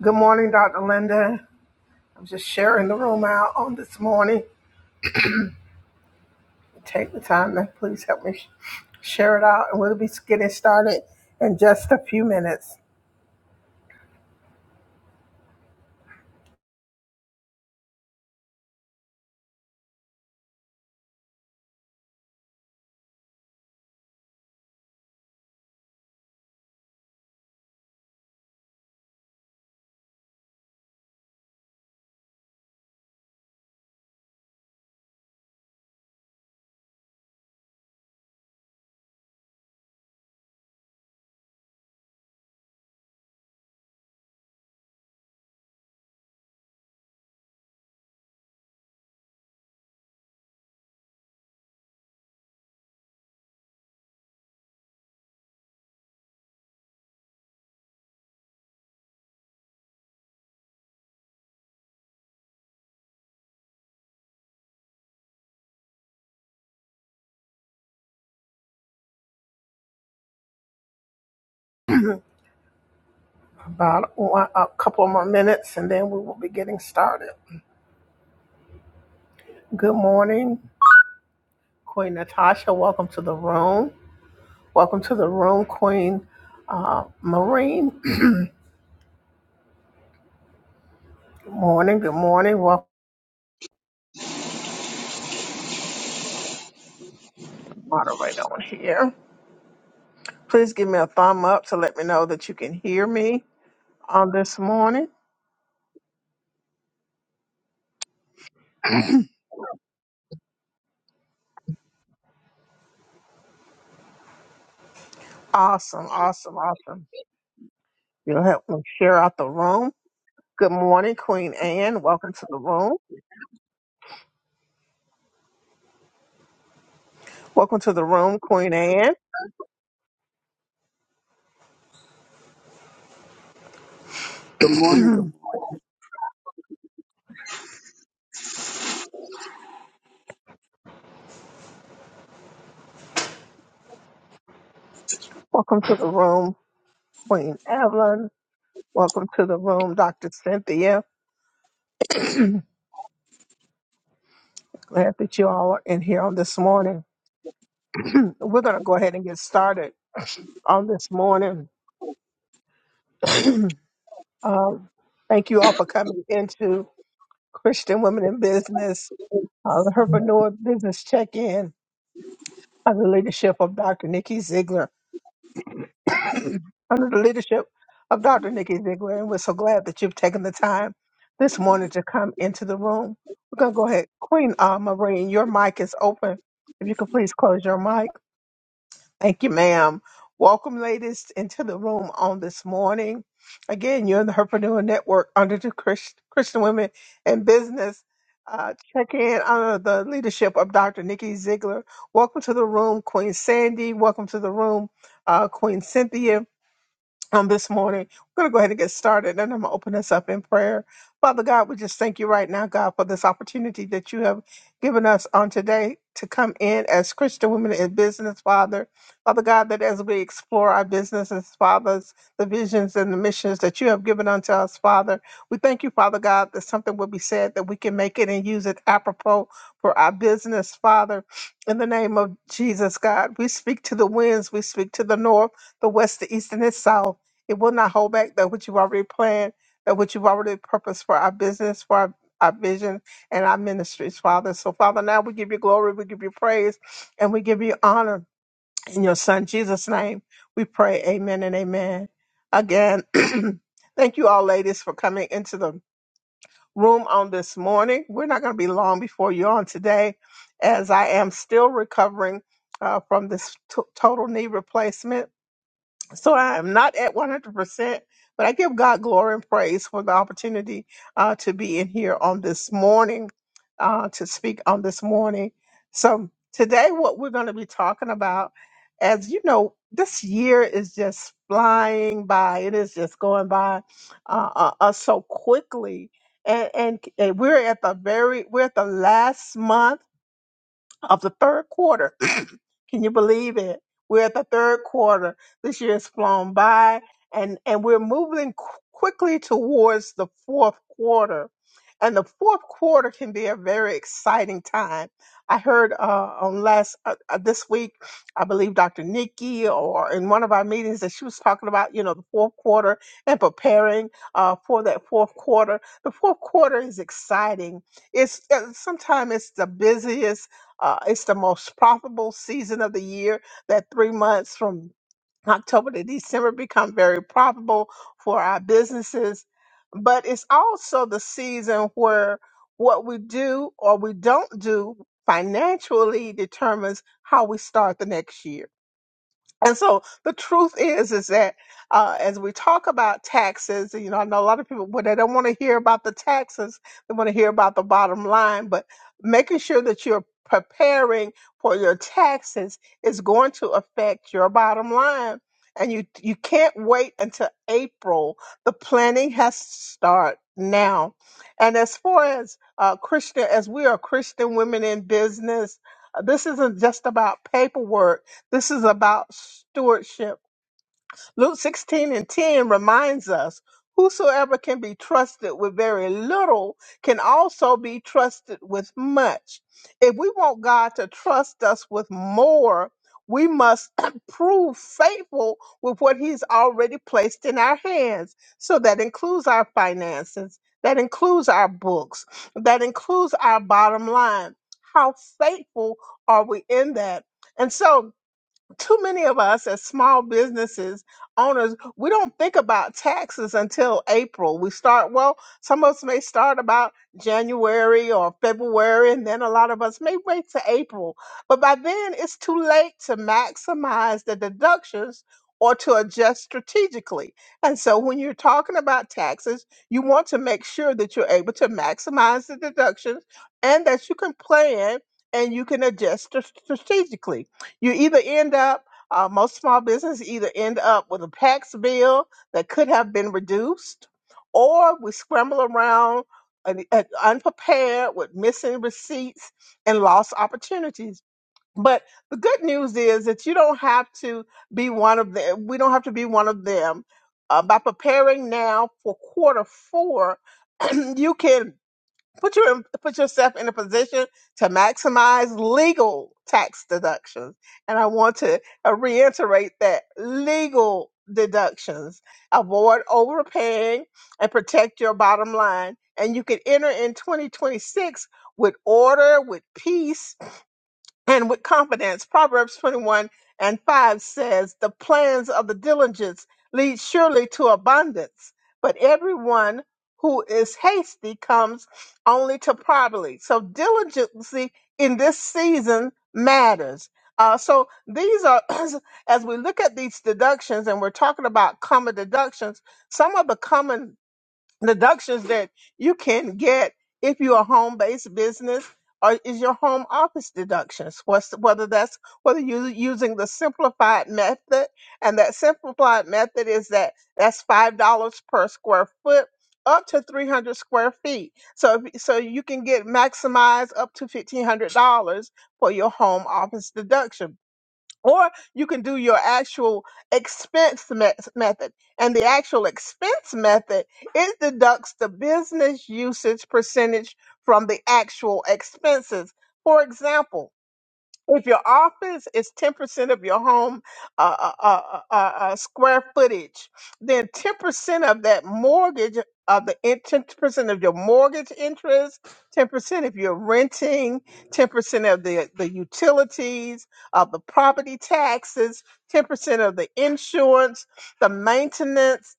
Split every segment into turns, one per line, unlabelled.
Good morning, Dr. Linda. I'm just sharing the room out on this morning. Take the time and please help me sh- share it out. And we'll be getting started in just a few minutes, about one, a couple more minutes, and then we will be getting started. Good morning, Queen Natasha. Welcome to the room. Welcome to the room, Queen uh, Marine. Good morning. Good morning. Welcome, moderator on here. Please give me a thumb up to let me know that you can hear me on this morning. Awesome, awesome, awesome. You'll help me share out the room. Good morning, Queen Anne. Welcome to the room. Welcome to the room, Queen Anne.
Good morning. Good morning.
Welcome to the room, Queen Evelyn. Welcome to the room, Dr. Cynthia. Glad that you all are in here on this morning. We're going to go ahead and get started on this morning. um, thank you all for coming into Christian Women in Business, uh, the Herpreneur Business Check In under the leadership of Dr. Nikki Ziegler. under the leadership of Dr. Nikki Ziegler. And we're so glad that you've taken the time this morning to come into the room. We're going to go ahead. Queen uh, Maureen, your mic is open. If you could please close your mic. Thank you, ma'am. Welcome, ladies, into the room on this morning. Again, you're in the Herpreneur Network under the Chris- Christian Women in Business. Uh, check in under the leadership of Dr. Nikki Ziegler. Welcome to the room, Queen Sandy. Welcome to the room, uh, Queen Cynthia on this morning. We're going to go ahead and get started, and I'm going to open us up in prayer. Father God, we just thank you right now, God, for this opportunity that you have given us on today to come in as Christian women in business, Father. Father God, that as we explore our businesses, fathers, the visions and the missions that you have given unto us, Father, we thank you, Father God, that something will be said that we can make it and use it apropos for our business, Father. In the name of Jesus, God, we speak to the winds, we speak to the north, the west, the east, and the south. It will not hold back that which you've already planned, that which you've already purposed for our business, for our, our vision, and our ministries, Father. So, Father, now we give you glory, we give you praise, and we give you honor. In your Son Jesus' name, we pray, amen and amen. Again, thank you all, ladies, for coming into the room on this morning. We're not going to be long before you're on today, as I am still recovering uh, from this t- total knee replacement so I am not at 100%, but I give God glory and praise for the opportunity uh, to be in here on this morning, uh, to speak on this morning. So today, what we're going to be talking about, as you know, this year is just flying by. It is just going by uh, uh, us so quickly, and, and and we're at the very we're at the last month of the third quarter. Can you believe it? We're at the third quarter. This year has flown by, and, and we're moving qu- quickly towards the fourth quarter. And the fourth quarter can be a very exciting time. I heard uh, on last uh, uh, this week, I believe Dr. Nikki, or in one of our meetings, that she was talking about you know the fourth quarter and preparing uh, for that fourth quarter. The fourth quarter is exciting. It's uh, sometimes it's the busiest uh, it's the most profitable season of the year. That three months from October to December become very profitable for our businesses. But it's also the season where what we do or we don't do financially determines how we start the next year and so the truth is, is that uh, as we talk about taxes, you know, I know a lot of people, well, they don't want to hear about the taxes. They want to hear about the bottom line, but making sure that you're preparing for your taxes is going to affect your bottom line. And you, you can't wait until April. The planning has to start now. And as far as uh, Christian, as we are Christian women in business, uh, this isn't just about paperwork this is about stewardship. Luke 16 and 10 reminds us whosoever can be trusted with very little can also be trusted with much. If we want God to trust us with more, we must prove faithful with what He's already placed in our hands. So that includes our finances, that includes our books, that includes our bottom line. How faithful are we in that? And so, too many of us as small businesses owners we don't think about taxes until april we start well some of us may start about january or february and then a lot of us may wait to april but by then it's too late to maximize the deductions or to adjust strategically. And so when you're talking about taxes, you want to make sure that you're able to maximize the deductions and that you can plan and you can adjust stra- strategically you either end up uh, most small businesses either end up with a tax bill that could have been reduced or we scramble around un- uh, unprepared with missing receipts and lost opportunities but the good news is that you don't have to be one of them we don't have to be one of them uh, by preparing now for quarter four you can Put your put yourself in a position to maximize legal tax deductions. And I want to uh, reiterate that legal deductions avoid overpaying and protect your bottom line. And you can enter in 2026 with order, with peace, and with confidence. Proverbs 21 and 5 says, The plans of the diligence lead surely to abundance, but everyone who is hasty comes only to poverty. So, diligency in this season matters. Uh, so, these are, as we look at these deductions, and we're talking about common deductions, some of the common deductions that you can get if you're a home-based business or is your home office deductions what's whether that's whether you're using the simplified method and that simplified method is that that's five dollars per square foot up to 300 square feet so if- so you can get maximized up to $1500 for your home office deduction or you can do your actual expense me- method. And the actual expense method, it deducts the business usage percentage from the actual expenses. For example, if your office is 10% of your home uh, uh, uh, uh, uh, uh, square footage, then 10% of that mortgage, of the in- 10% of your mortgage interest, 10% if you're renting, 10% of the, the utilities, of the property taxes, 10% of the insurance, the maintenance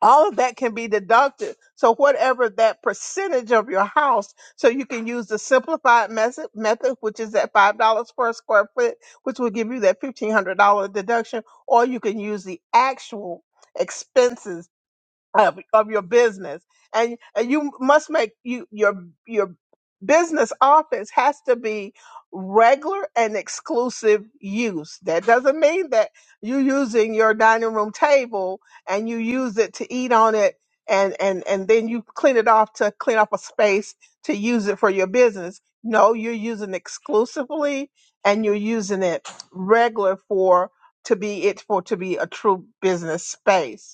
all of that can be deducted. So whatever that percentage of your house, so you can use the simplified method, method which is that five dollars per square foot, which will give you that fifteen hundred dollar deduction, or you can use the actual expenses of, of your business and and you must make you your your business office has to be regular and exclusive use that doesn't mean that you're using your dining room table and you use it to eat on it and and and then you clean it off to clean up a space to use it for your business no you're using exclusively and you're using it regular for to be it for to be a true business space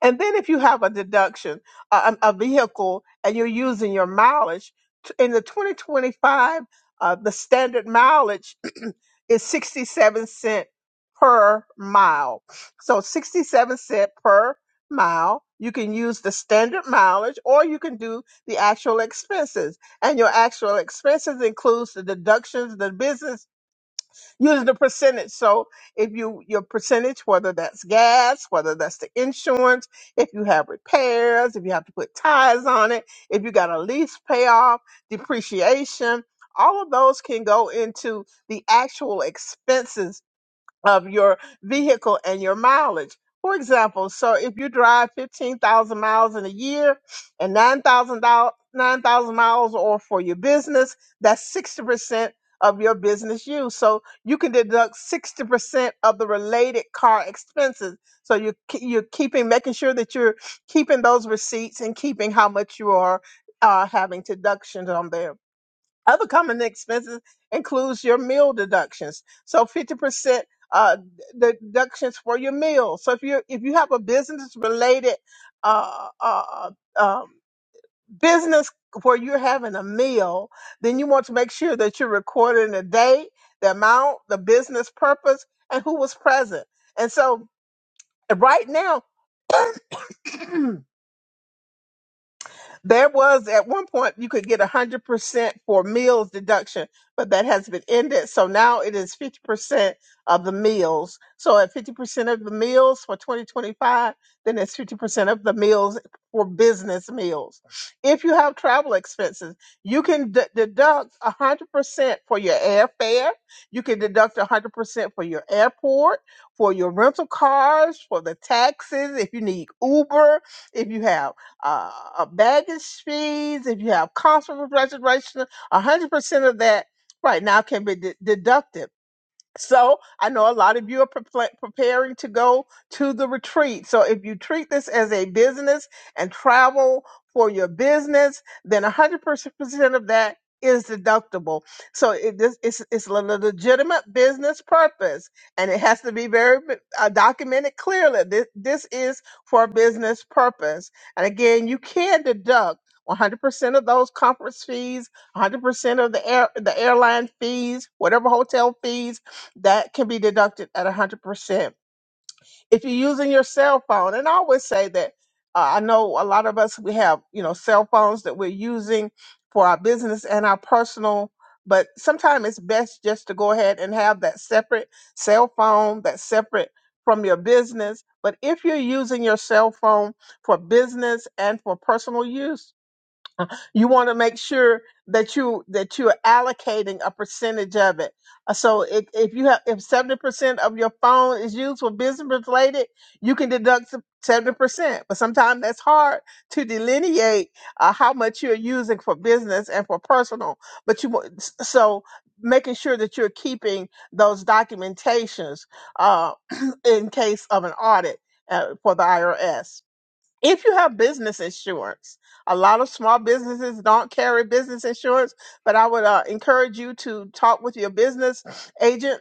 and then if you have a deduction, a, a a vehicle, and you're using your mileage, t- in the 2025, uh, the standard mileage is 67 cent per mile. So 67 cent per mile. You can use the standard mileage or you can do the actual expenses. And your actual expenses includes the deductions, the business Use the percentage. So if you your percentage, whether that's gas, whether that's the insurance, if you have repairs, if you have to put tires on it, if you got a lease payoff, depreciation, all of those can go into the actual expenses of your vehicle and your mileage. For example, so if you drive 15,000 miles in a year and 9,000 doll- 9,000 miles or for your business, that's 60% of your business use. So you can deduct 60% of the related car expenses. So you are ke- you're keeping making sure that you're keeping those receipts and keeping how much you are uh, having deductions on there. Other common expenses includes your meal deductions. So 50% uh, d- deductions for your meal. So if you if you have a business related uh, uh, um, business where you're having a meal, then you want to make sure that you're recording the date, the amount, the business purpose, and who was present. And so right now. There was at one point you could get a hundred percent for meals deduction, but that has been ended. So now it is fifty percent of the meals. So at fifty percent of the meals for twenty twenty five, then it's fifty percent of the meals for business meals. If you have travel expenses, you can d- deduct a hundred percent for your airfare. You can deduct a hundred percent for your airport, for your rental cars, for the taxes. If you need Uber, if you have uh, uh, baggage fees, if you have cost of reservation, 100% of that right now can be de- deducted so I know a lot of you are prepla- preparing to go to the retreat. So if you treat this as a business and travel for your business, then 100% of that is deductible. So it, this, it's, it's a le- legitimate business purpose and it has to be very uh, documented clearly. This, this is for a business purpose. And again, you can deduct 100% of those conference fees, 100% of the air, the airline fees, whatever hotel fees, that can be deducted at 100%. If you're using your cell phone, and I always say that uh, I know a lot of us, we have, you know, cell phones that we're using for our business and our personal, but sometimes it's best just to go ahead and have that separate cell phone that's separate from your business. But if you're using your cell phone for business and for personal use, you want to make sure that you that you're allocating a percentage of it. Uh, So if, if you have if seventy percent of your phone is used for business related, you can deduct seventy percent. But sometimes that's hard to delineate uh, how much you're using for business and for personal. But you want s- so making sure that you're keeping those documentations uh, in case of an audit uh, for the IRS if you have business insurance, a lot of small businesses don't carry business insurance, but I would uh, encourage you to talk with your business agent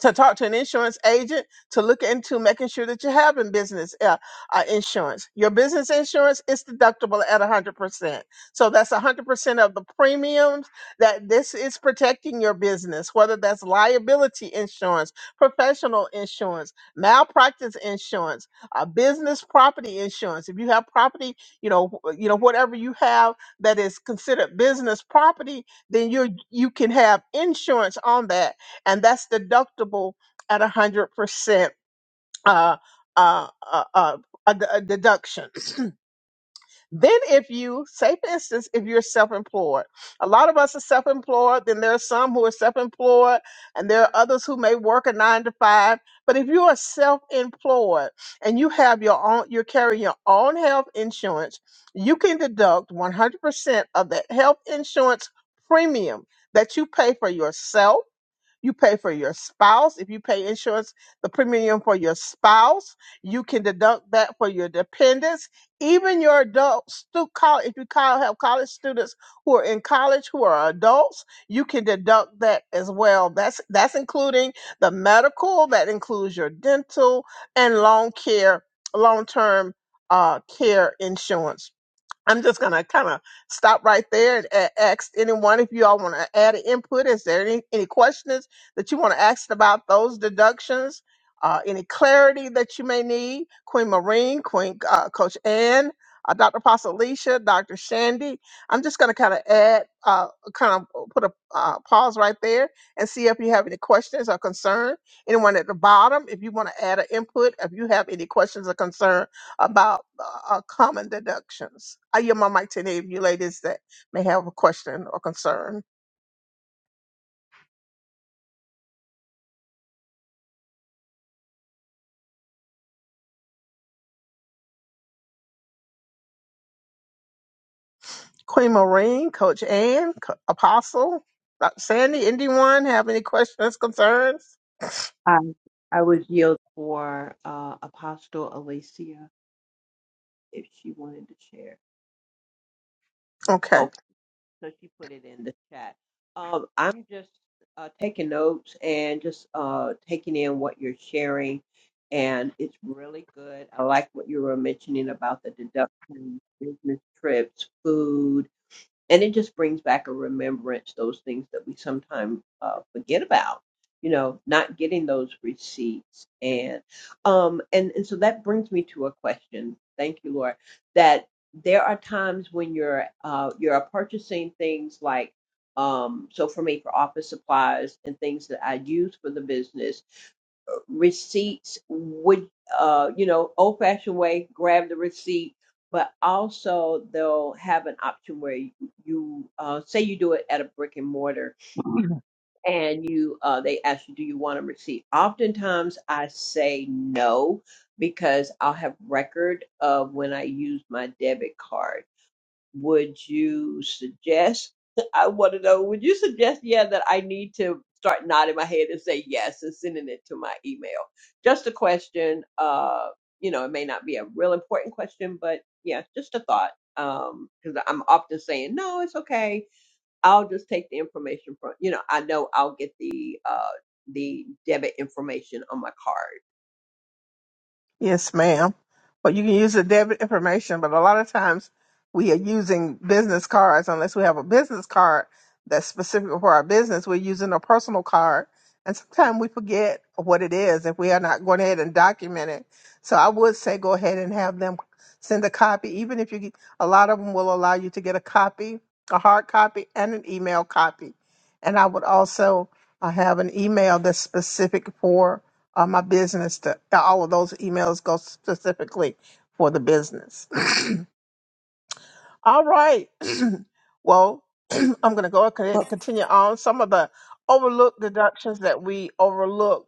to talk to an insurance agent to look into making sure that you have in business uh, uh, insurance. Your business insurance is deductible at 100%. So that's 100% of the premiums that this is protecting your business, whether that's liability insurance, professional insurance, malpractice insurance, uh, business property insurance. If you have property, you know, wh- you know whatever you have that is considered business property, then you you can have insurance on that and that's deductible at 100% uh, uh, uh, uh, a d- a deduction. Then, if you say, for instance, if you're self employed, a lot of us are self employed, then there are some who are self employed, and there are others who may work a nine to five. But if you are self employed and you have your own, you're carrying your own health insurance, you can deduct 100% of that health insurance premium that you pay for yourself you pay for your spouse. If you pay insurance, the premium for your spouse, you can deduct that for your dependents. Even your adult stu- college, if you col- have college students who are in college who are adults, you can deduct that as well. That's that's including the medical, that includes your dental and long care, long term uh, care insurance. I'm just gonna kind of stop right there and a- ask anyone if you all want to add an input. Is there any, any questions that you want to ask about those deductions? Uh, any clarity that you may need? Queen Marine, Queen uh, Coach Ann, uh, Dr. Pasalicia, Dr. Shandy. I'm just gonna kind of add, uh, kind of put a uh, pause right there and see if you have any questions or concern. Anyone at the bottom, if you want to add an input, if you have any questions or concern about uh, uh, common deductions. I yield my mic to any of you ladies that may have a question or concern. Queen Marine, Coach Ann, Co- Apostle, Dr. Sandy, anyone have any questions, concerns?
I I would yield for uh, Apostle Alicia if she wanted to share.
Okay.
Okay, so she put it in the chat. Um, I'm just uh, taking notes and just uh, taking in what you're sharing, and it's really good. I like what you were mentioning about the deductions, business trips, food, and it just brings back a remembrance those things that we sometimes uh, forget about you know not getting those receipts and um and and so that brings me to a question thank you lord that there are times when you're uh you're purchasing things like um so for me for office supplies and things that i use for the business receipts would uh you know old fashioned way grab the receipt but also they'll have an option where you, you uh say you do it at a brick and mortar and you uh they ask you do you want a receipt oftentimes i say no because i'll have record of when i use my debit card would you suggest? I want to know, would you suggest, yeah, that I need to start nodding my head and say yes and sending it to my email? Just a question. Uh, you know, it may not be a real important question, but yeah, just a thought. Um, because I'm often saying, no, it's okay. I'll just take the information from, you know, I know I'll get the, uh, the debit information on my card
Yes, ma'am. Well, you can use the debit information, but a lot of times we are using business cards unless we have a business card that's specific for our business. We're using a personal card, and sometimes we forget what it is if we are not going ahead and document it. So I would say go ahead and have them send a copy, even if you get, a lot of them will allow you to get a copy, a hard copy, and an email copy. And I would also uh, have an email that's specific for all my business to all of those emails go specifically for the business. All right. well, I'm going to go ahead
Well,
and continue on. Some of the overlooked deductions that we overlook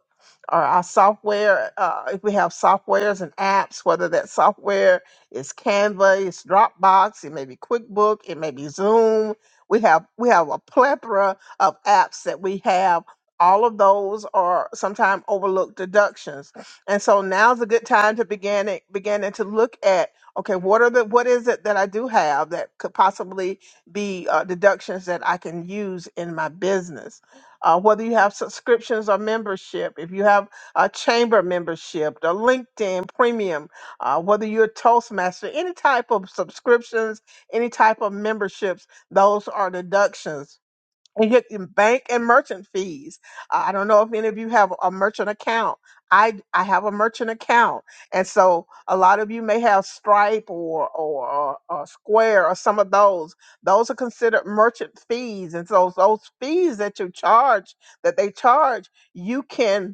are our software. Uh, if we have softwares and apps, whether that software is Canva, it's Dropbox, it may be QuickBook, it may be Zoom. We have we have a plethora of apps that we have. All of those are sometimes overlooked deductions, and so now's a good time to begin it, beginning to look at Okay, what are the what is it that I do have that could possibly be uh, deductions that I can use in my business? Uh, whether you have subscriptions or membership, if you have a chamber membership, a LinkedIn premium, uh, whether you're a Toastmaster, any type of subscriptions, any type of memberships, those are deductions and get in bank and merchant fees. Uh, I don't know if any of you have a merchant account. I I have a merchant account, and so a lot of you may have Stripe or or, or, or Square or some of those. Those are considered merchant fees, and so those fees that you charge that they charge, you can.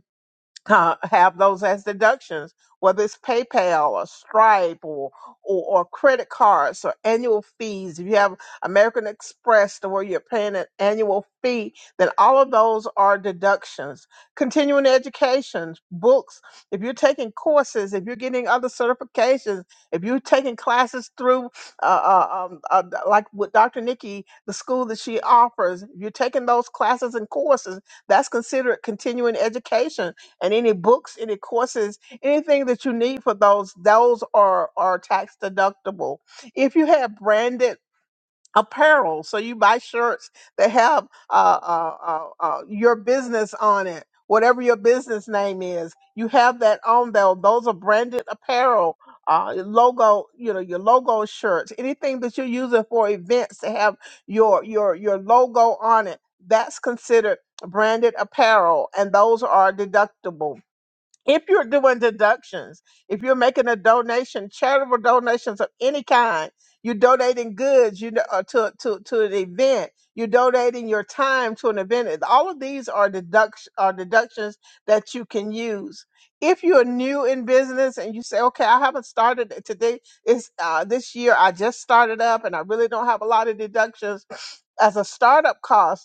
co- have those as deductions, whether it's PayPal or Stripe or, or or credit cards or annual fees. If you have American Express to where you're paying an annual fee, then all of those are deductions. Continuing education, books, if you're taking courses, if you're getting other certifications, if you're taking classes through, uh, uh, um, uh, like with Dr. Nikki, the school that she offers, if you're taking those classes and courses, that's considered continuing education and any books, any courses, anything that you need for those, those are, are tax deductible. If you have branded apparel, so you buy shirts that have uh, uh, uh, uh, your business on it, whatever your business name is, you have that on there. Those are branded apparel. Uh, your logo, you know, your logo shirts, anything that you're using for events to have your your your logo on it, that's considered branded apparel, and those are deductible if you're doing deductions, if you're making a donation, charitable donations of any kind, you're donating goods, you know, uh, to to to an event, you're donating your time to an event. and All of these are deduction are deductions that you can use. If you're new in business and you say, "Okay, I haven't started it today. It's uh, this year. I just started up, and I really don't have a lot of deductions." As a startup cost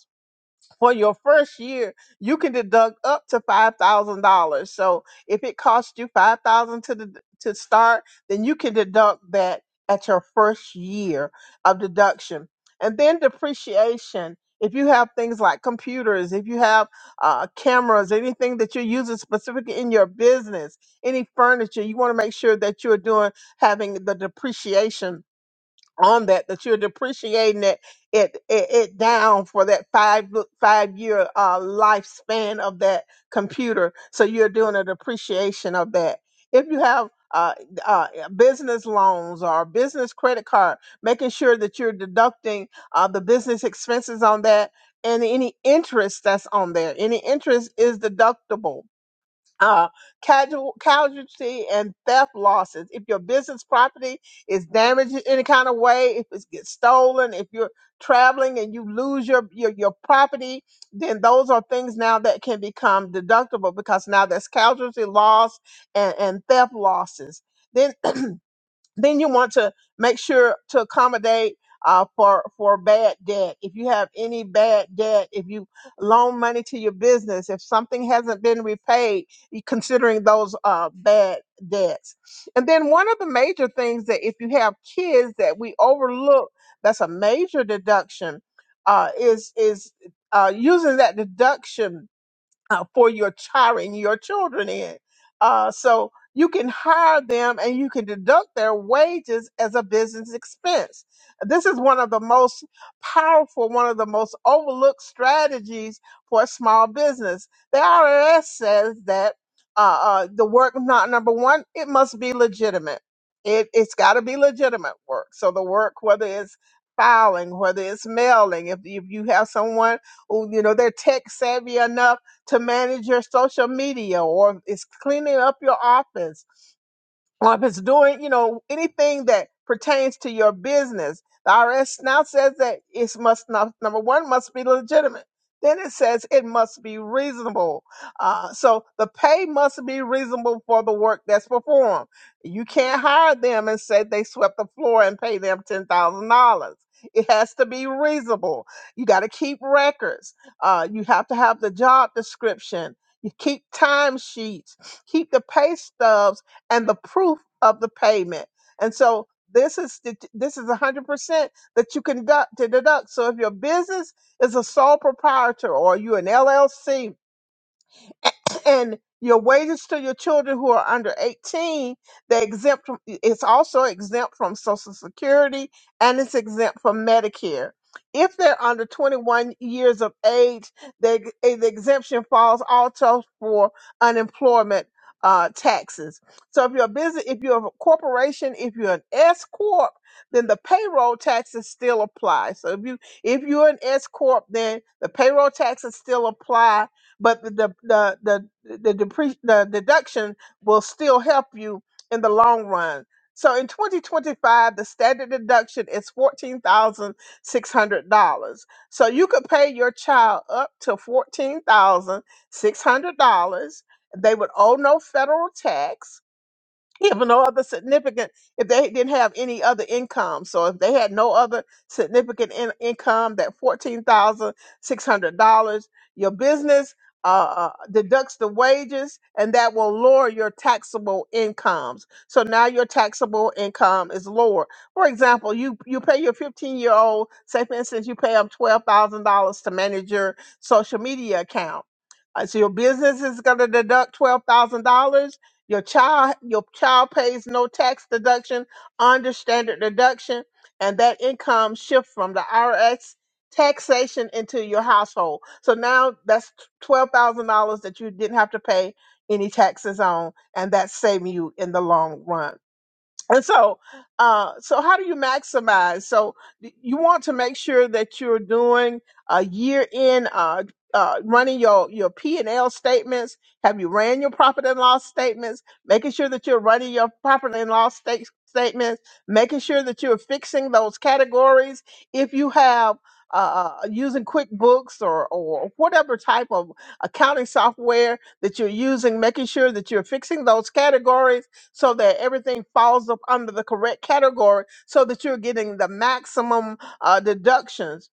for your first year, you can deduct up to five thousand dollars. So if it costs you five thousand to the, to start, then you can deduct that at your first year of deduction. And then depreciation. If you have things like computers, if you have uh, cameras, anything that you're using specifically in your business, any furniture, you want to make sure that you're doing having the depreciation on that that you're depreciating it it it, it down for that five five year uh, lifespan of that computer so you're doing a depreciation of that if you have uh, uh, business loans or business credit card making sure that you're deducting uh, the business expenses on that and any interest that's on there any interest is deductible uh, casual, casualty and theft losses. If your business property is damaged in any kind of way, if it gets stolen, if you're traveling and you lose your, your, your property, then those are things now that can become deductible because now there's casualty loss and, and theft losses. Then then you want to make sure to accommodate uh, for for bad debt. If you have any bad debt, if you loan money to your business, if something hasn't been repaid, you considering those uh, bad debts. And then one of the major things that if you have kids that we overlook, that's a major deduction, uh, is is uh, using that deduction uh, for your chiring your children in. Uh, so you can hire them and you can deduct their wages as a business expense. This is one of the most powerful, one of the most overlooked strategies for a small business. The IRS says that uh, uh, the work not number one, it must be legitimate. It, it's got to be legitimate work. So the work, whether it's filing, whether it's mailing, if, if you have someone who, you know, they're tech savvy enough to manage your social media or is cleaning up your office or if it's doing, you know, anything that pertains to your business, the IRS now says that it must not, number one, must be legitimate. Then it says it must be reasonable. Uh, so the pay must be reasonable for the work that's performed. You can't hire them and say they swept the floor and pay them $10,000. It has to be reasonable. You got to keep records. Uh, you have to have the job description. You keep time sheets. Keep the pay stubs and the proof of the payment. And so this is the- this is 100% that you conduct to deduct. So if your business is a sole proprietor or you an LLC and your wages to your children who are under 18 they exempt from it's also exempt from social security and it's exempt from medicare if they're under 21 years of age they, eh, the exemption falls also for unemployment uh, taxes so if you're a business if you're a corporation if you're an s corp then the payroll taxes still apply so if you if you're an s corp then the payroll taxes still apply but the the the the, the, depre- the deduction will still help you in the long run. So in 2025, the standard deduction is fourteen thousand six hundred dollars. So you could pay your child up to fourteen thousand six hundred dollars. They would owe no federal tax if no other significant, if they didn't have any other income, so if they had no other significant in, income, that fourteen thousand six hundred dollars, your business uh, uh, deducts the wages, and that will lower your taxable incomes. So now your taxable income is lower. For example, you you pay your fifteen year old, say for instance, you pay them twelve thousand dollars to manage your social media account. Uh, so your business is going to deduct twelve thousand dollars your child, your child pays no tax deduction under standard deduction, and that income shifts from the IRS taxation into your household. So now that's twelve thousand dollars that you didn't have to pay any taxes on, and that's saving you in the long run and so uh so how do you maximize so y- you want to make sure that you're doing a year in uh uh, running your, your P and L statements. Have you ran your profit and loss statements? Making sure that you're running your profit and loss state, statements. Making sure that you're fixing those categories. If you have uh, uh, using QuickBooks or or whatever type of accounting software that you're using, making sure that you're fixing those categories so that everything falls up under the correct category so that you're getting the maximum uh, deductions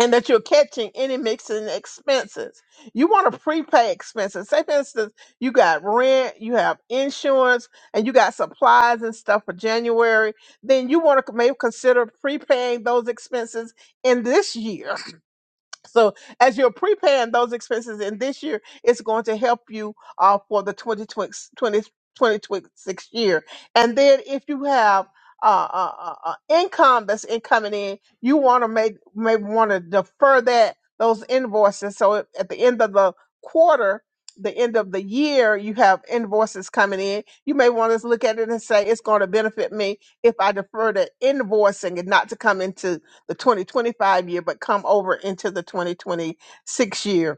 and that you're catching any mixing expenses. You want to prepay expenses. Say, for instance, you got rent, you have insurance, and you got supplies and stuff for January. Then you want to maybe consider prepaying those expenses in this year so as you're preparing those expenses in this year, it's going to help you uh, for the twenty twenty twenty twenty-six year. And then if you have uh, uh, uh, uh, income that's incoming in, you want to make may want to defer that those invoices. So at at the end of the quarter, the end of the year, you have invoices coming in. You may want to look at it and say it's going to benefit me if I defer the invoicing and not to come into the 2025 year, but come over into the 2026 year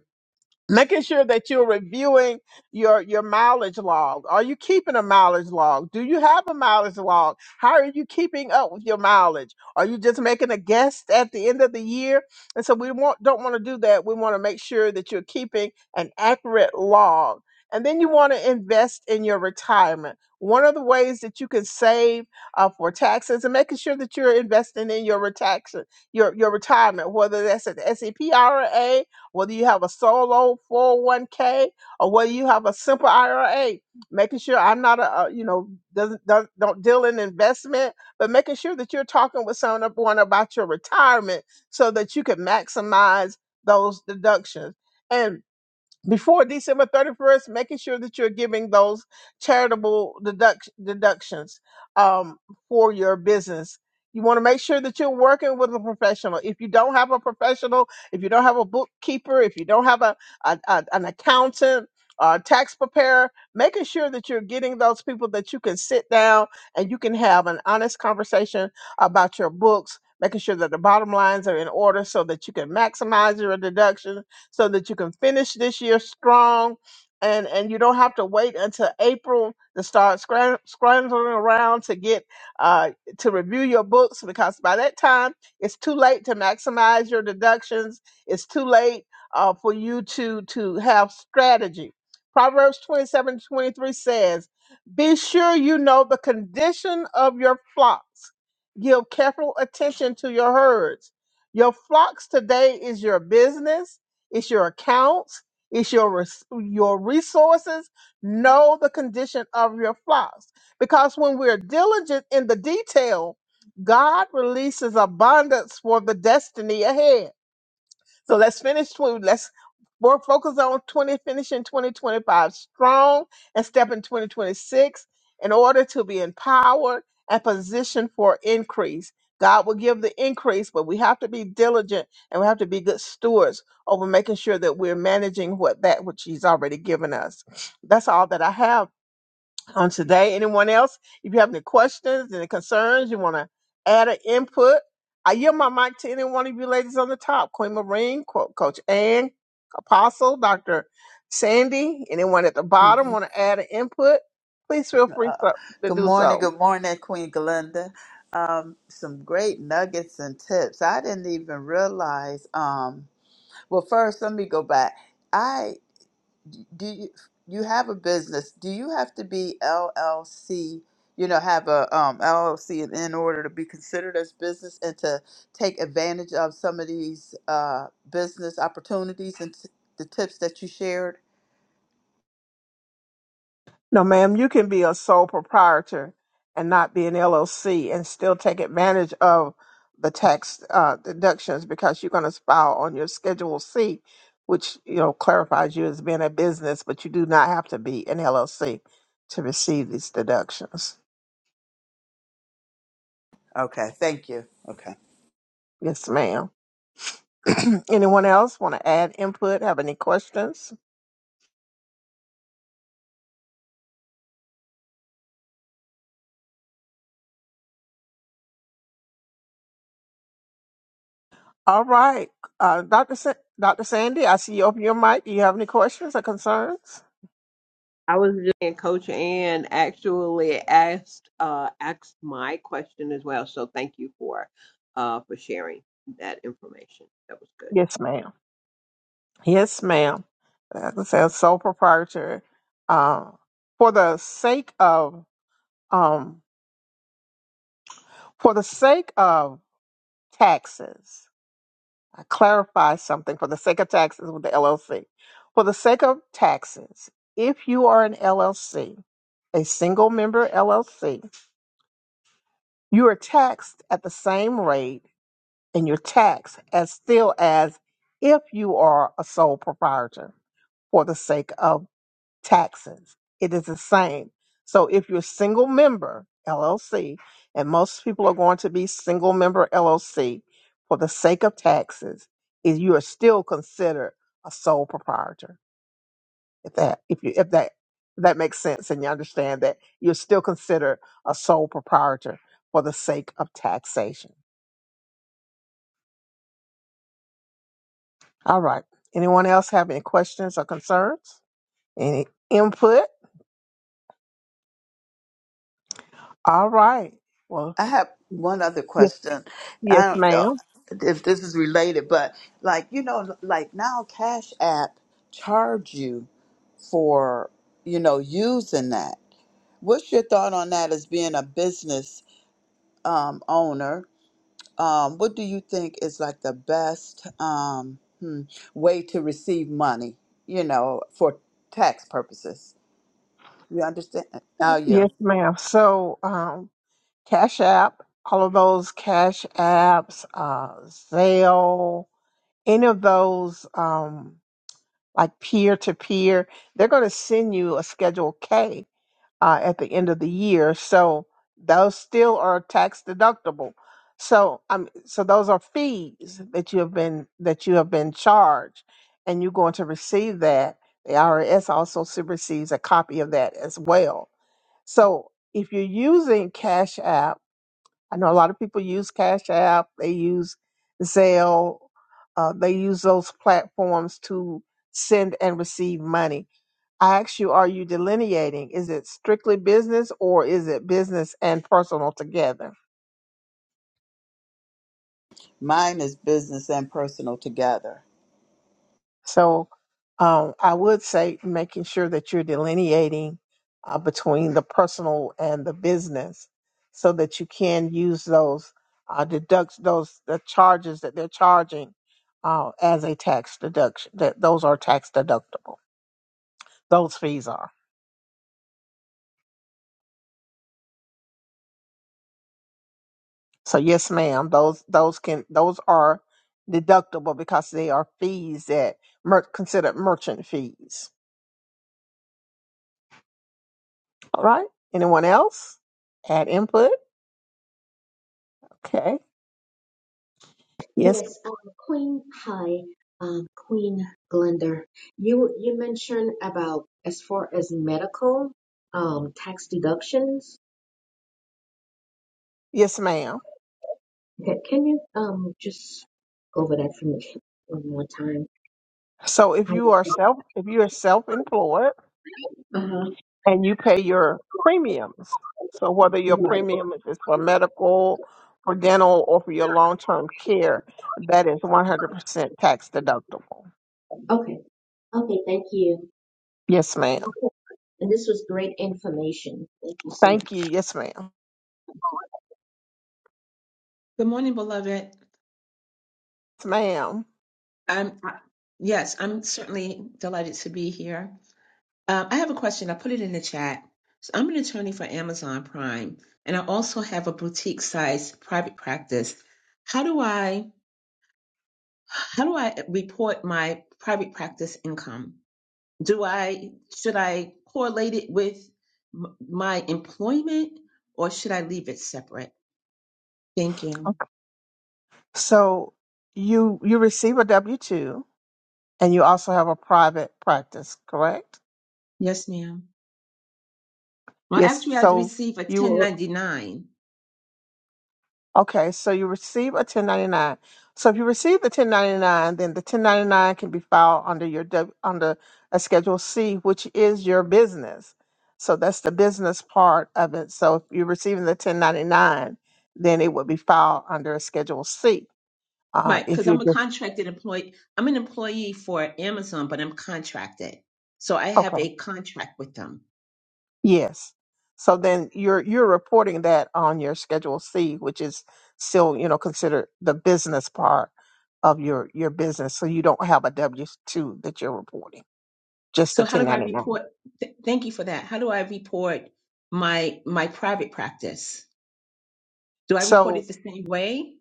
making sure that you're reviewing your your mileage log are you keeping a mileage log do you have a mileage log how are you keeping up with your mileage are you just making a guess at the end of the year and so we want, don't want to do that we want to make sure that you're keeping an accurate log and then you want to invest in your retirement one of the ways that you can save uh, for taxes and making sure that you're investing in your retax your your retirement whether that's an sep ira whether you have a solo 401k or whether you have a simple IRA, making sure I'm not a, a you know doesn't don't, don't deal in investment, but making sure that you're talking with someone about your retirement so that you can maximize those deductions. and before December 31st, making sure that you're giving those charitable deduct- deductions um, for your business. You want to make sure that you're working with a professional. If you don't have a professional, if you don't have a bookkeeper, if you don't have a, a, a- an accountant, a tax preparer, making sure that you're getting those people that you can sit down and you can have an honest conversation about your books, making sure that the bottom lines are in order so that you can maximize your deductions so that you can finish this year strong and and you don't have to wait until April to start scram- scrambling around to get uh, to review your books because by that time it's too late to maximize your deductions. It's too late uh, for you to to have strategy. Proverbs 27 23 says, Be sure you know the condition of your flocks. Give careful attention to your herds. Your flocks today is your business it's your accounts. It's your res- your resources. Know the condition of your flocks, because when we're diligent in the detail, God releases abundance for the destiny ahead. So let's finish. tw- Let's work, focus on 20, finishing 2025 strong and step in 2026 in order to be empowered and positioned for increase. God will give the increase, but we have to be diligent and we have to be good stewards over making sure that we're managing what that which He's already given us. That's all that I have on today. Anyone else? If you have any questions, any concerns, you want to add an input, I yield my mic to any one of you ladies on the top. Queen Marine, Co- Coach Ann, Apostle, Dr. Sandy, anyone at the bottom
Mhm.
want to add an input, please feel free
Uh,
to, to
good
do so.
morning. Good morning, Queen Glenda. Um, some great nuggets and tips. I didn't even realize. Um, well, first, let me go back. do you, you have a business do you have to be llc you know have a um, llc in, in order to be considered as business and to take advantage of some of these uh, business opportunities and t- the tips that you shared
No, ma'am, you can be a sole proprietor and not be an LLC and still take advantage of the tax uh, deductions because you're going to file on your Schedule C, which you know clarifies you as being a business, but you do not have to be an LLC to receive these deductions.
okay thank you okay
Yes, ma'am. Anyone else want to add input? Have any questions? All right, uh, Doctor Sa- Doctor Sandy, I see you open your mic. Do you have any questions or concerns?
I was just and Coach Ann actually asked uh asked my question as well. So thank you for uh for sharing that information. That was good.
Yes, ma'am. Yes, ma'am. As I said, sole proprietor. Um, for the sake of um, for the sake of taxes, I clarify something. For the sake of taxes with the LLC, for the sake of taxes, if you are an LLC, a single member LLC, you are taxed at the same rate, and you're taxed as still as if you are a sole proprietor for the sake of taxes. It is the same. So if you're single member LLC, and most people are going to be single member LLC for the sake of taxes, is you are still considered a sole proprietor. If that if you if that if that makes sense and you understand that you're still considered a sole proprietor for the sake of taxation. All right. Anyone else have any questions or concerns? Any input? All right. Well,
i have one other
yes,
question i
yes,
don't know
ma'am.
if this is related but like you know like now cash app charge you for you know using that What's your thought on that as being a business um, owner? Um, what do you think is like the best um, hmm, way to receive money, you know, for tax purposes? You understand? How you?
Yes, ma'am. So, um, Cash App, all of those Cash Apps, uh, Zelle, any of those, um, like peer to peer, they're going to send you a Schedule K uh, at the end of the year. So those still are tax deductible. So um, so those are fees that you have been that you have been charged, and you're going to receive that. The IRS also s- receives a copy of that as well. So if you're using Cash App, I know a lot of people use Cash App. They use Zelle. Uh, they use those platforms to send and receive money I asked you, are you delineating? Is it strictly business or is it business and personal together?
Mine is business and personal together.
So um, I would say making sure that you're delineating uh, between the personal and the business so that you can use those, uh, deduct those the charges that they're charging uh, as a tax deduction, that those are tax deductible. Those fees are. So yes, ma'am, those those can those are deductible because they are fees that mer- considered merchant fees. All right. Anyone else? Add input. Okay. Yes.
Yes, um, Queen. Hi, um, Queen Glenda. You you mentioned about as far as medical um, tax deductions.
Yes, ma'am.
Ca- Can you um, just go over that for me one more time?
So if
How
you
is
are
that?
self if you are self employed
Uh-huh.
and you pay your premiums, so whether your
Right.
premium is for medical, for dental, or for your long term care, that is one hundred percent tax deductible.
Okay. Okay. Thank you.
Yes, ma'am.
And this was great information. Thank you so much.
Thank you. Yes, ma'am.
Good morning, beloved.
Yes, ma'am.
I'm I- yes, I'm certainly delighted to be here. Uh, I have a question. I put it in the chat. So I'm an attorney for Amazon Prime, and I also have a boutique-sized private practice. How do I how do I report my private practice income? Do I should I correlate it with m- my employment, or should I leave it separate? Thank you.
So you you receive a W two, and you also have a private practice, correct?
Yes, ma'am. Well,
Yes.
actually, I'd
So
receive a
you will-
1099.
okay? So you receive a ten ninety nine. So if you receive the ten ninety nine, then the ten ninety nine can be filed under your W- under a Schedule C, which is your business. So that's the business part of it. So if you're receiving the ten ninety nine, then it would be filed under a Schedule C. Uh,
Right,
if
because
you
I'm a
just
contracted employee. I'm an employee for Amazon, but I'm contracted. So I
okay.
have a contract with them.
Yes. So then you're you're reporting that on your Schedule C, which is still, you know, considered the business part of your your business. So you don't have a W-2 that you're reporting, just the
So how do I
1099.
report? Th- thank you for that. How do I report my my private practice? Do I report
So
it the same way?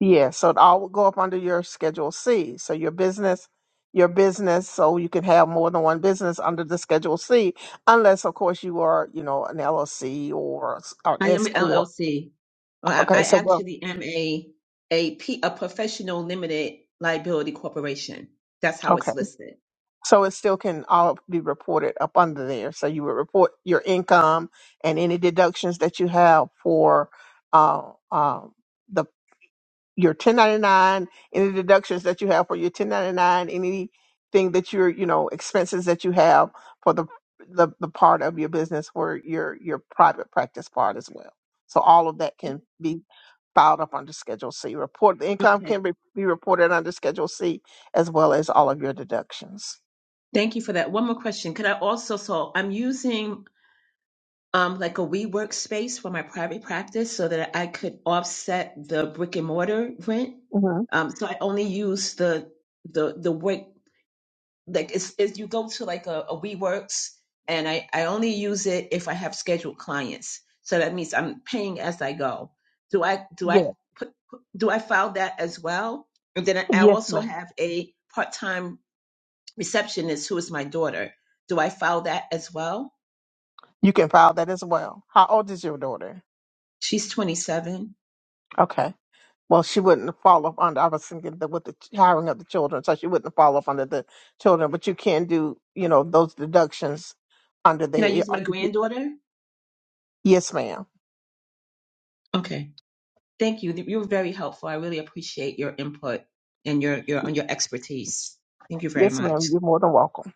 yeah, so it all would go up under your Schedule C. So your business, your business, so you can have more than one business under the Schedule C, unless of course you are, you know, an LLC or, s- or an
I am
S
an
corp.
LLC. Well, I,
Okay,
I
so well,
actually am a a P, a professional limited liability corporation. That's how
okay.
it's listed.
So it still can all be reported up under there. So you would report your income and any deductions that you have for uh, um, the your 1099, any deductions that you have for your 1099, anything that you're you know expenses that you have for the the, the part of your business where your your private practice part as well. So all of that can be filed up under Schedule C. Report the income
Okay.
can be, be reported under Schedule C as well as all of your deductions.
Thank you for that. One more question. Could I also, so I'm using um, like a WeWork space for my private practice so that I could offset the brick and mortar rent. Um, so I only use the the the work like it's, it's you go to like a, a WeWorks and I I only use it if I have scheduled clients. So that means I'm paying as I go. Do I do I
Yes,
put do I file that as well? And then I
yes,
also
ma'am.
have a part time receptionist who is my daughter. Do I file that as well?
You can file that as well. How old is your daughter?
She's 27.
Okay. Well, she wouldn't fall up under. I was thinking that with the ch- hiring of the children, so she wouldn't fall up under the children. But you can do, you know, those deductions under
Can I
the.
use
uh,
my
if you-
granddaughter?
Yes, ma'am.
Okay. Thank you. You were very helpful. I really appreciate your input and your your on your expertise. Thank you very
Yes, ma'am.
much.
You're more than welcome.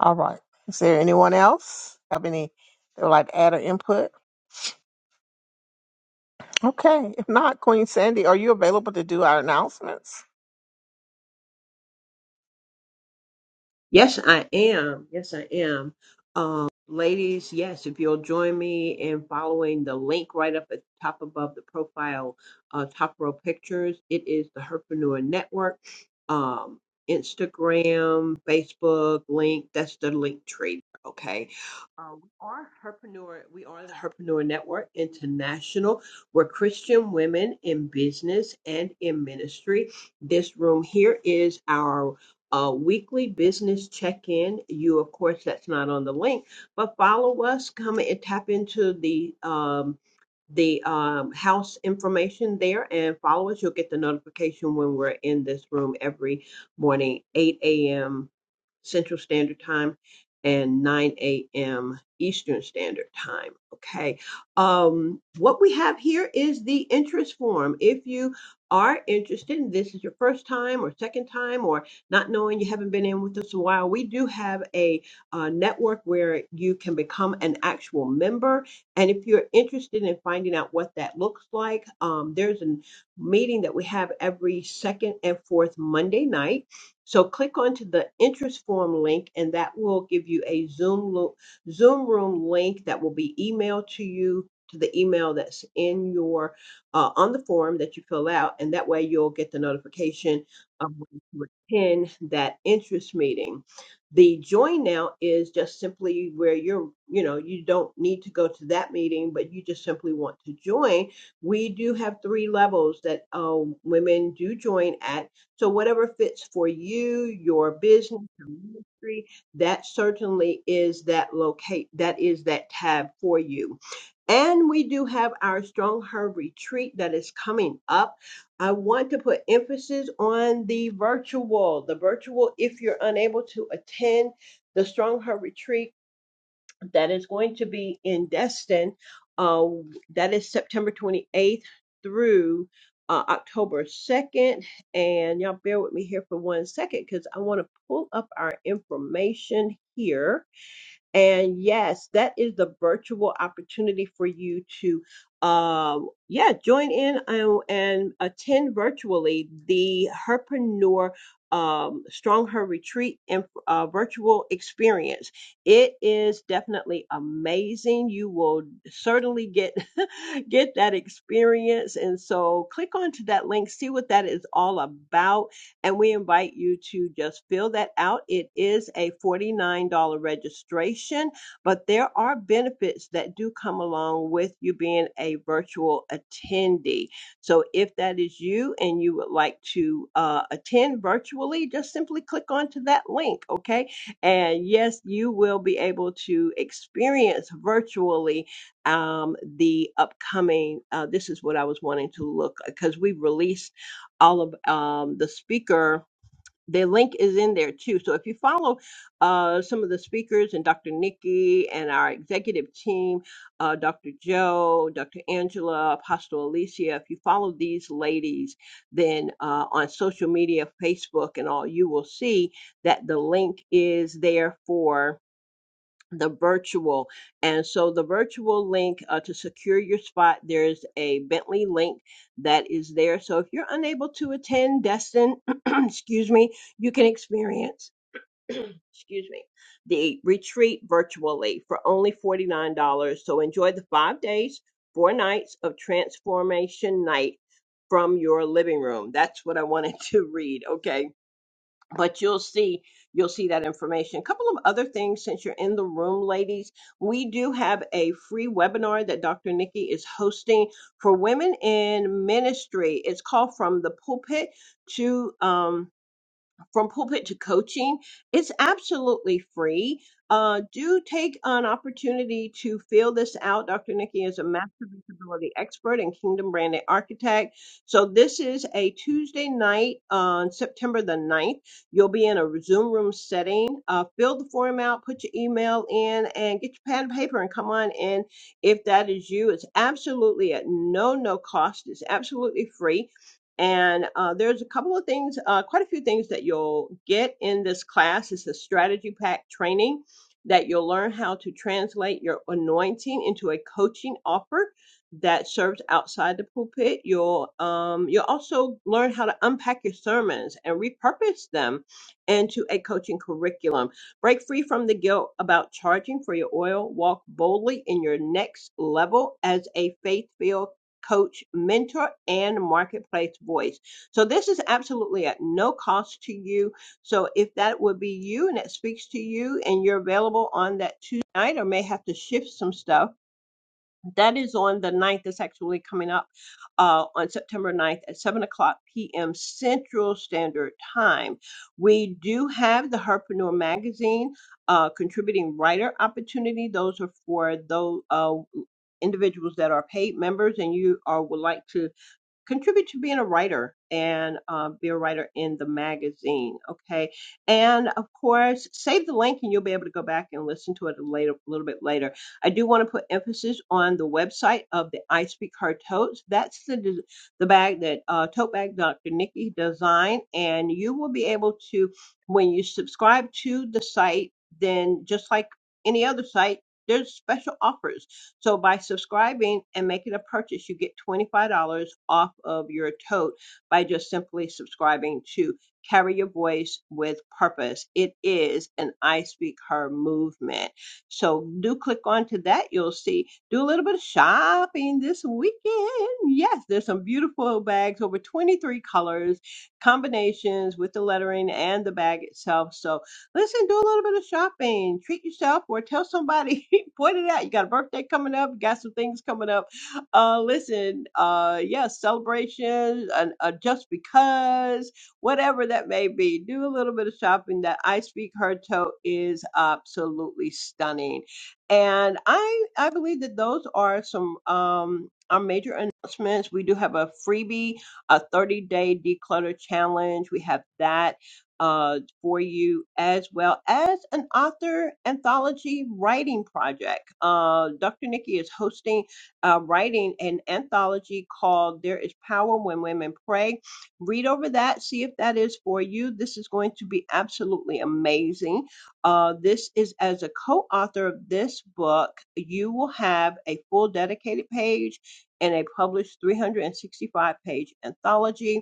All right. Is there anyone else have any that would like to add or input? Okay. If not, Queen Sandy, are you available to do our announcements?
Yes, I am. Yes, I am. Um, ladies, yes, if you'll join me in following the link right up at the top above the profile, uh, top row pictures, it is the Herpreneur Network, um, Instagram, Facebook, link. That's the link tree. Okay. Uh, we are Herpreneur. We are the Herpreneur Network International. We're Christian women in business and in ministry. This room here is our a weekly business check-in. You, of course, that's not on the link, but follow us. Come and tap into the um, the um, house information there and follow us. You'll get the notification when we're in this room every morning, 8 a.m. Central Standard Time and 9 a.m. Eastern Standard Time. Okay. Um, what we have here is the interest form. If you are interested and this is your first time or second time or not knowing you haven't been in with us a while, we do have a uh, network where you can become an actual member. And if you're interested in finding out what that looks like, um, there's a meeting that we have every second and fourth Monday night so click onto the interest form link, and that will give you a Zoom lo- Zoom room link that will be emailed to you to the email that's in your uh, on the form that you fill out, and that way you'll get the notification of when to attend that interest meeting. The join now is just simply where you're, you know, you don't need to go to that meeting, but you just simply want to join. We do have three levels that uh, women do join at so whatever fits for you, your business, your ministry, that certainly is that locate that is that tab for you. And we do have our Strong Her retreat that is coming up. I want to put emphasis on the virtual, the virtual if you're unable to attend the Strong Her retreat that is going to be in Destin. Uh, that is September 28th through uh, October 2nd. And y'all bear with me here for one second because I want to pull up our information here and yes, that is the virtual opportunity for you to, um, yeah, join in and, and attend virtually the Herpreneur um, Strong Her Retreat and uh, virtual experience. It is definitely amazing. You will certainly get get that experience. And so, click onto that link, see what that is all about and we invite you to just fill that out. It is a $49 registration, but there are benefits that do come along with you being a virtual attendee. So if that is you and you would like to uh, attend virtually, just simply click onto that link, okay? And yes, you will be able to experience virtually um, the upcoming. Uh, this is what I was wanting to look because we released all of um, the speaker. Their link is in there too. So if you follow uh, some of the speakers and Dr. Nikki and our executive team, uh, Dr. Joe, Dr. Angela, Apostle Alicia, if you follow these ladies, then uh, on social media, Facebook, and all, you will see that the link is there for the virtual. And so the virtual link uh, to secure your spot, there's a Bentley link that is there. So if you're unable to attend Destin, excuse me, you can experience, excuse me, the retreat virtually for only $49. So enjoy the five days, four nights of transformation night from your living room. That's what I wanted to read. Okay but you'll see you'll see that information a couple of other things since you're in the room ladies we do have a free webinar that dr nikki is hosting for women in ministry it's called from the pulpit to um, from pulpit to coaching. It's absolutely free. Uh, do take an opportunity to fill this out. Dr. Nikki is a master visibility expert and kingdom branded architect. So this is a Tuesday night on September the ninth. You'll be in a Zoom room setting. Uh, fill the form out, put your email in, and get your pad and paper and come on in. If that is you, it's absolutely at no, no cost. It's absolutely free. And uh, there's a couple of things, uh, quite a few things that you'll get in this class. It's a strategy pack training that you'll learn how to translate your anointing into a coaching offer that serves outside the pulpit. You'll um, you'll also learn how to unpack your sermons and repurpose them into a coaching curriculum. Break free from the guilt about charging for your oil. Walk boldly in your next level as a faith-filled coach, mentor, and marketplace voice. So this is absolutely at no cost to you. So if that would be you and it speaks to you and you're available on that Tuesday night or may have to shift some stuff, that is on the ninth. That's actually coming up uh, on September ninth at 7 o'clock p.m. Central Standard Time. We do have the Herpreneur Magazine uh, contributing writer opportunity. Those are for those uh, individuals that are paid members and you are would like to contribute to being a writer and um, be a writer in the magazine. Okay. And of course, save the link and you'll be able to go back and listen to it a later, a little bit later. I do want to put emphasis on the website of the I Speak Her Totes. That's the, des- the bag that uh, tote bag Dr. Nikki designed. And you will be able to, when you subscribe to the site, then just like any other site, there's special offers so by subscribing and making a purchase, you get $25 off of your tote by just simply subscribing to Carry Your Voice with Purpose. It is an I Speak Her movement. So do click onto that. You'll see. Do a little bit of shopping this weekend. Yes, there's some beautiful bags, over 23 colors, combinations with the lettering and the bag itself. So Listen, do a little bit of shopping, treat yourself, or tell somebody, point it out. You got a birthday coming up, you got some things coming up. Uh, listen, uh, yes, celebrations, and uh, just because, whatever that may be, do a little bit of shopping. That I Speak Her Toe is absolutely stunning, and I I believe that those are some um our major announcements. We do have a freebie, a 30 day declutter challenge. We have that uh, for you, as well as an author anthology writing project. Uh, Dr. Nikki is hosting uh, writing an anthology called There is Power When Women Pray. Read over that, see if that is for you. This is going to be absolutely amazing. Uh, this is as a co author of this book, you will have a full dedicated page and a published 365 page anthology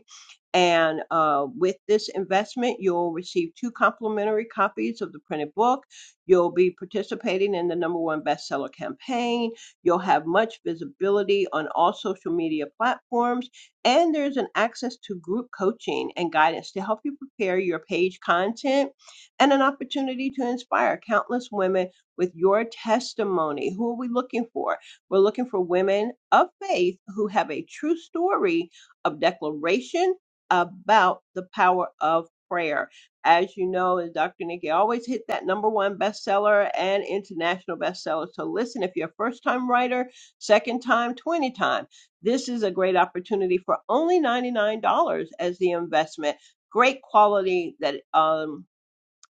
and uh, with this investment, you'll receive two complimentary copies of the printed book. You'll be participating in the number one bestseller campaign. You'll have much visibility on all social media platforms. And there's an access to group coaching and guidance to help you prepare your page content and an opportunity to inspire countless women with your testimony. Who are we looking for? We're looking for women of faith who have a true story of declaration about the power of prayer. As you know, as Dr. Nikki always hit that number one bestseller and international bestseller. So listen, if you're a first time writer, second time, 20 time, this is a great opportunity for only $99 as the investment. Great quality that um,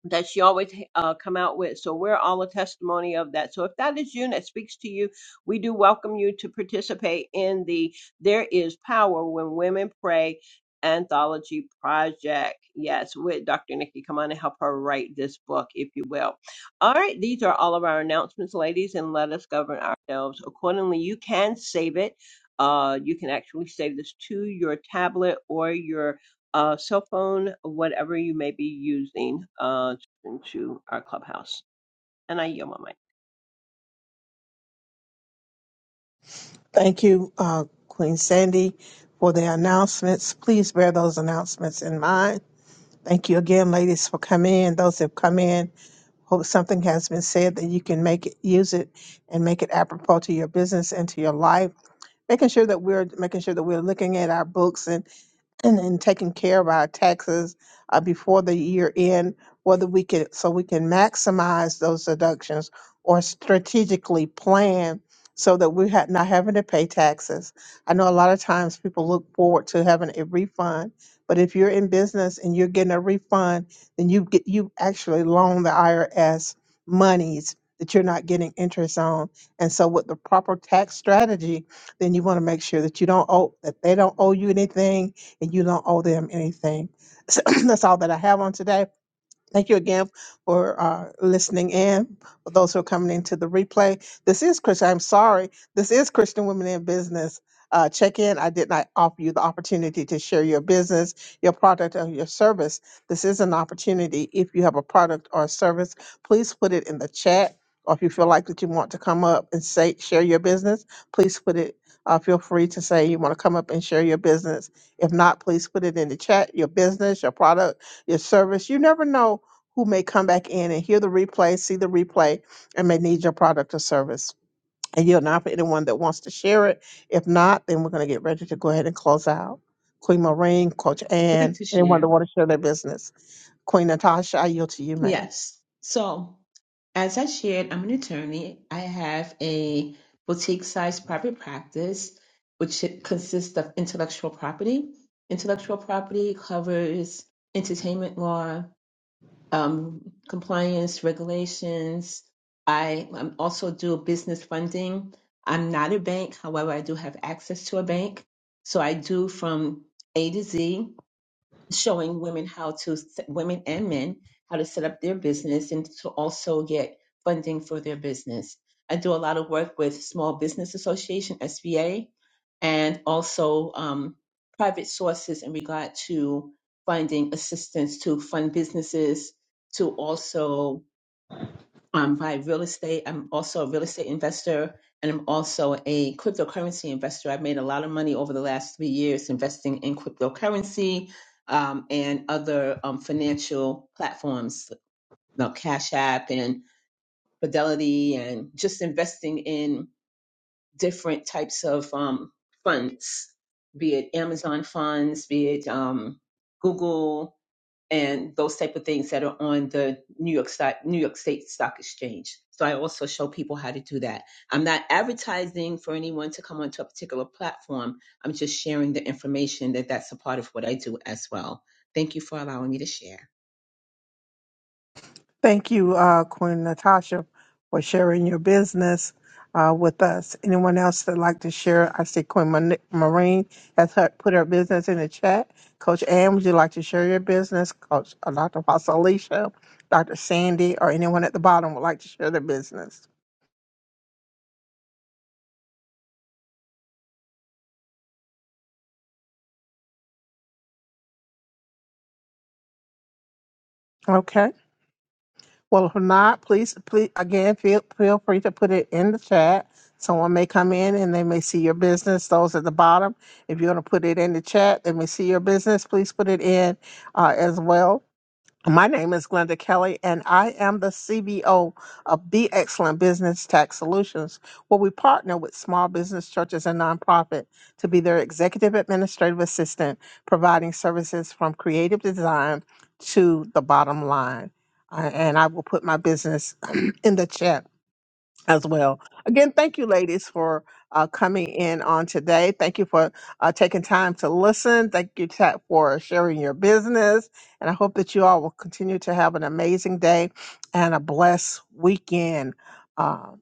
that she always uh, come out with. So we're all a testimony of that. So if that is you and that speaks to you, we do welcome you to participate in the There Is Power When Women Pray anthology project. Yes, with Dr. Nikki. Come on and help her write this book, if you will. All right, these are all of our announcements, ladies, and let us govern ourselves accordingly. You can save it. Uh, you can actually save this to your tablet or your uh, cell phone, whatever you may be using. Uh, into our clubhouse. And I yell my mic.
Thank you, uh, Queen Sandy, for the announcements. Please bear those announcements in mind. Thank you again, ladies, for coming in. Those that have come in, hope something has been said that you can make it, use it, and make it apropos to your business and to your life. Making sure that we're making sure that we're looking at our books and and, and taking care of our taxes uh, before the year end, whether we can so we can maximize those deductions or strategically plan so that we're ha- not having to pay taxes. I know a lot of times people look forward to having a refund, but if you're in business and you're getting a refund, then you get you actually loan the IRS monies that you're not getting interest on. And so with the proper tax strategy, then you want to make sure that you don't owe that they don't owe you anything and you don't owe them anything. that's all that I have on today. Thank you again for uh, listening in. For those who are coming into the replay, this is Christian. I'm sorry. This is Christian Women in Business. Uh, check in. I did not offer you the opportunity to share your business, your product, or your service. This is an opportunity. If you have a product or a service, please put it in the chat. Or if you feel like that you want to come up and say share your business, please put it. Uh, feel free to say you want to come up and share your business. If not, please put it in the chat. Your business, your product, your service. You never know who may come back in and hear the replay, see the replay, and may need your product or service. And you'll not for anyone that wants to share it. If not, then we're going to get ready to go ahead and close out. Queen Maureen, Coach
I'd like
Ann,
to
anyone that
share.
want to share their business. Queen Natasha, I yield to you, ma'am.
Yes. So, as I shared, I'm an attorney. I have a boutique-sized private practice, which consists of intellectual property. Intellectual property covers entertainment law, um, compliance regulations. I um, also do business funding. I'm not a bank, however, I do have access to a bank. So I do from A to Z showing women how to women and men how to set up their business and to also get funding for their business. I do a lot of work with Small Business Association (SBA) and also um, private sources in regard to finding assistance to fund businesses, to also um, by real estate. I'm also a real estate investor and I'm also a cryptocurrency investor. I've made a lot of money over the last three years investing in cryptocurrency um, and other um, financial platforms, like Cash App and Fidelity, and just investing in different types of um, funds, be it Amazon funds, be it um, Google and those type of things that are on the New York Stock, New York State Stock Exchange. So I also show people how to do that. I'm not advertising for anyone to come onto a particular platform. I'm just sharing the information that that's a part of what I do as well. Thank you for allowing me to share.
Thank you, uh, Queen Natasha, for sharing your business uh, with us. Anyone else that'd like to share? I see Queen Mon- Marine has her, put her business in the chat. Coach Ann, would you like to share your business? Coach uh, Dr. Pasalisha, Dr. Sandy, or anyone at the bottom would like to share their business. Okay. Well, if not, please, please again, feel feel free to put it in the chat. Someone may come in and they may see your business. Those at the bottom, if you want to put it in the chat, they may see your business. Please put it in uh, as well. My name is Glenda Kelly, and I am the CBO of Be Excellent Business Tax Solutions, where we partner with small business churches and nonprofit to be their executive administrative assistant, providing services from creative design to the bottom line. I- and I will put my business in the chat as well. Again, thank you, ladies, for uh, coming in on today. Thank you for uh, taking time to listen. Thank you, Tat, for sharing your business. And I hope that you all will continue to have an amazing day and a blessed weekend. Um,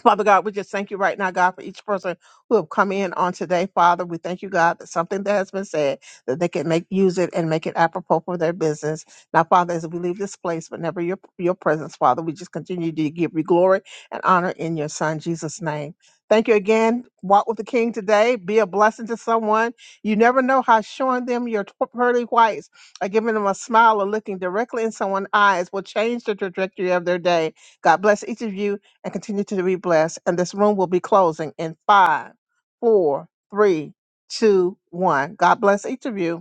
Father God, we just thank you right now, God, for each person who have come in on today, Father. We thank you, God, that something that has been said, that they can make use it and make it apropos for their business. Now, Father, as we leave this place, whenever your your presence, Father, we just continue to give you glory and honor in your Son, Jesus' name. Thank you again. Walk with the King today. Be a blessing to someone. You never know how showing them your pearly whites or giving them a smile or looking directly in someone's eyes will change the trajectory of their day. God bless each of you and continue to be blessed. And this room will be closing in five, four, three, two, one. God bless each of you.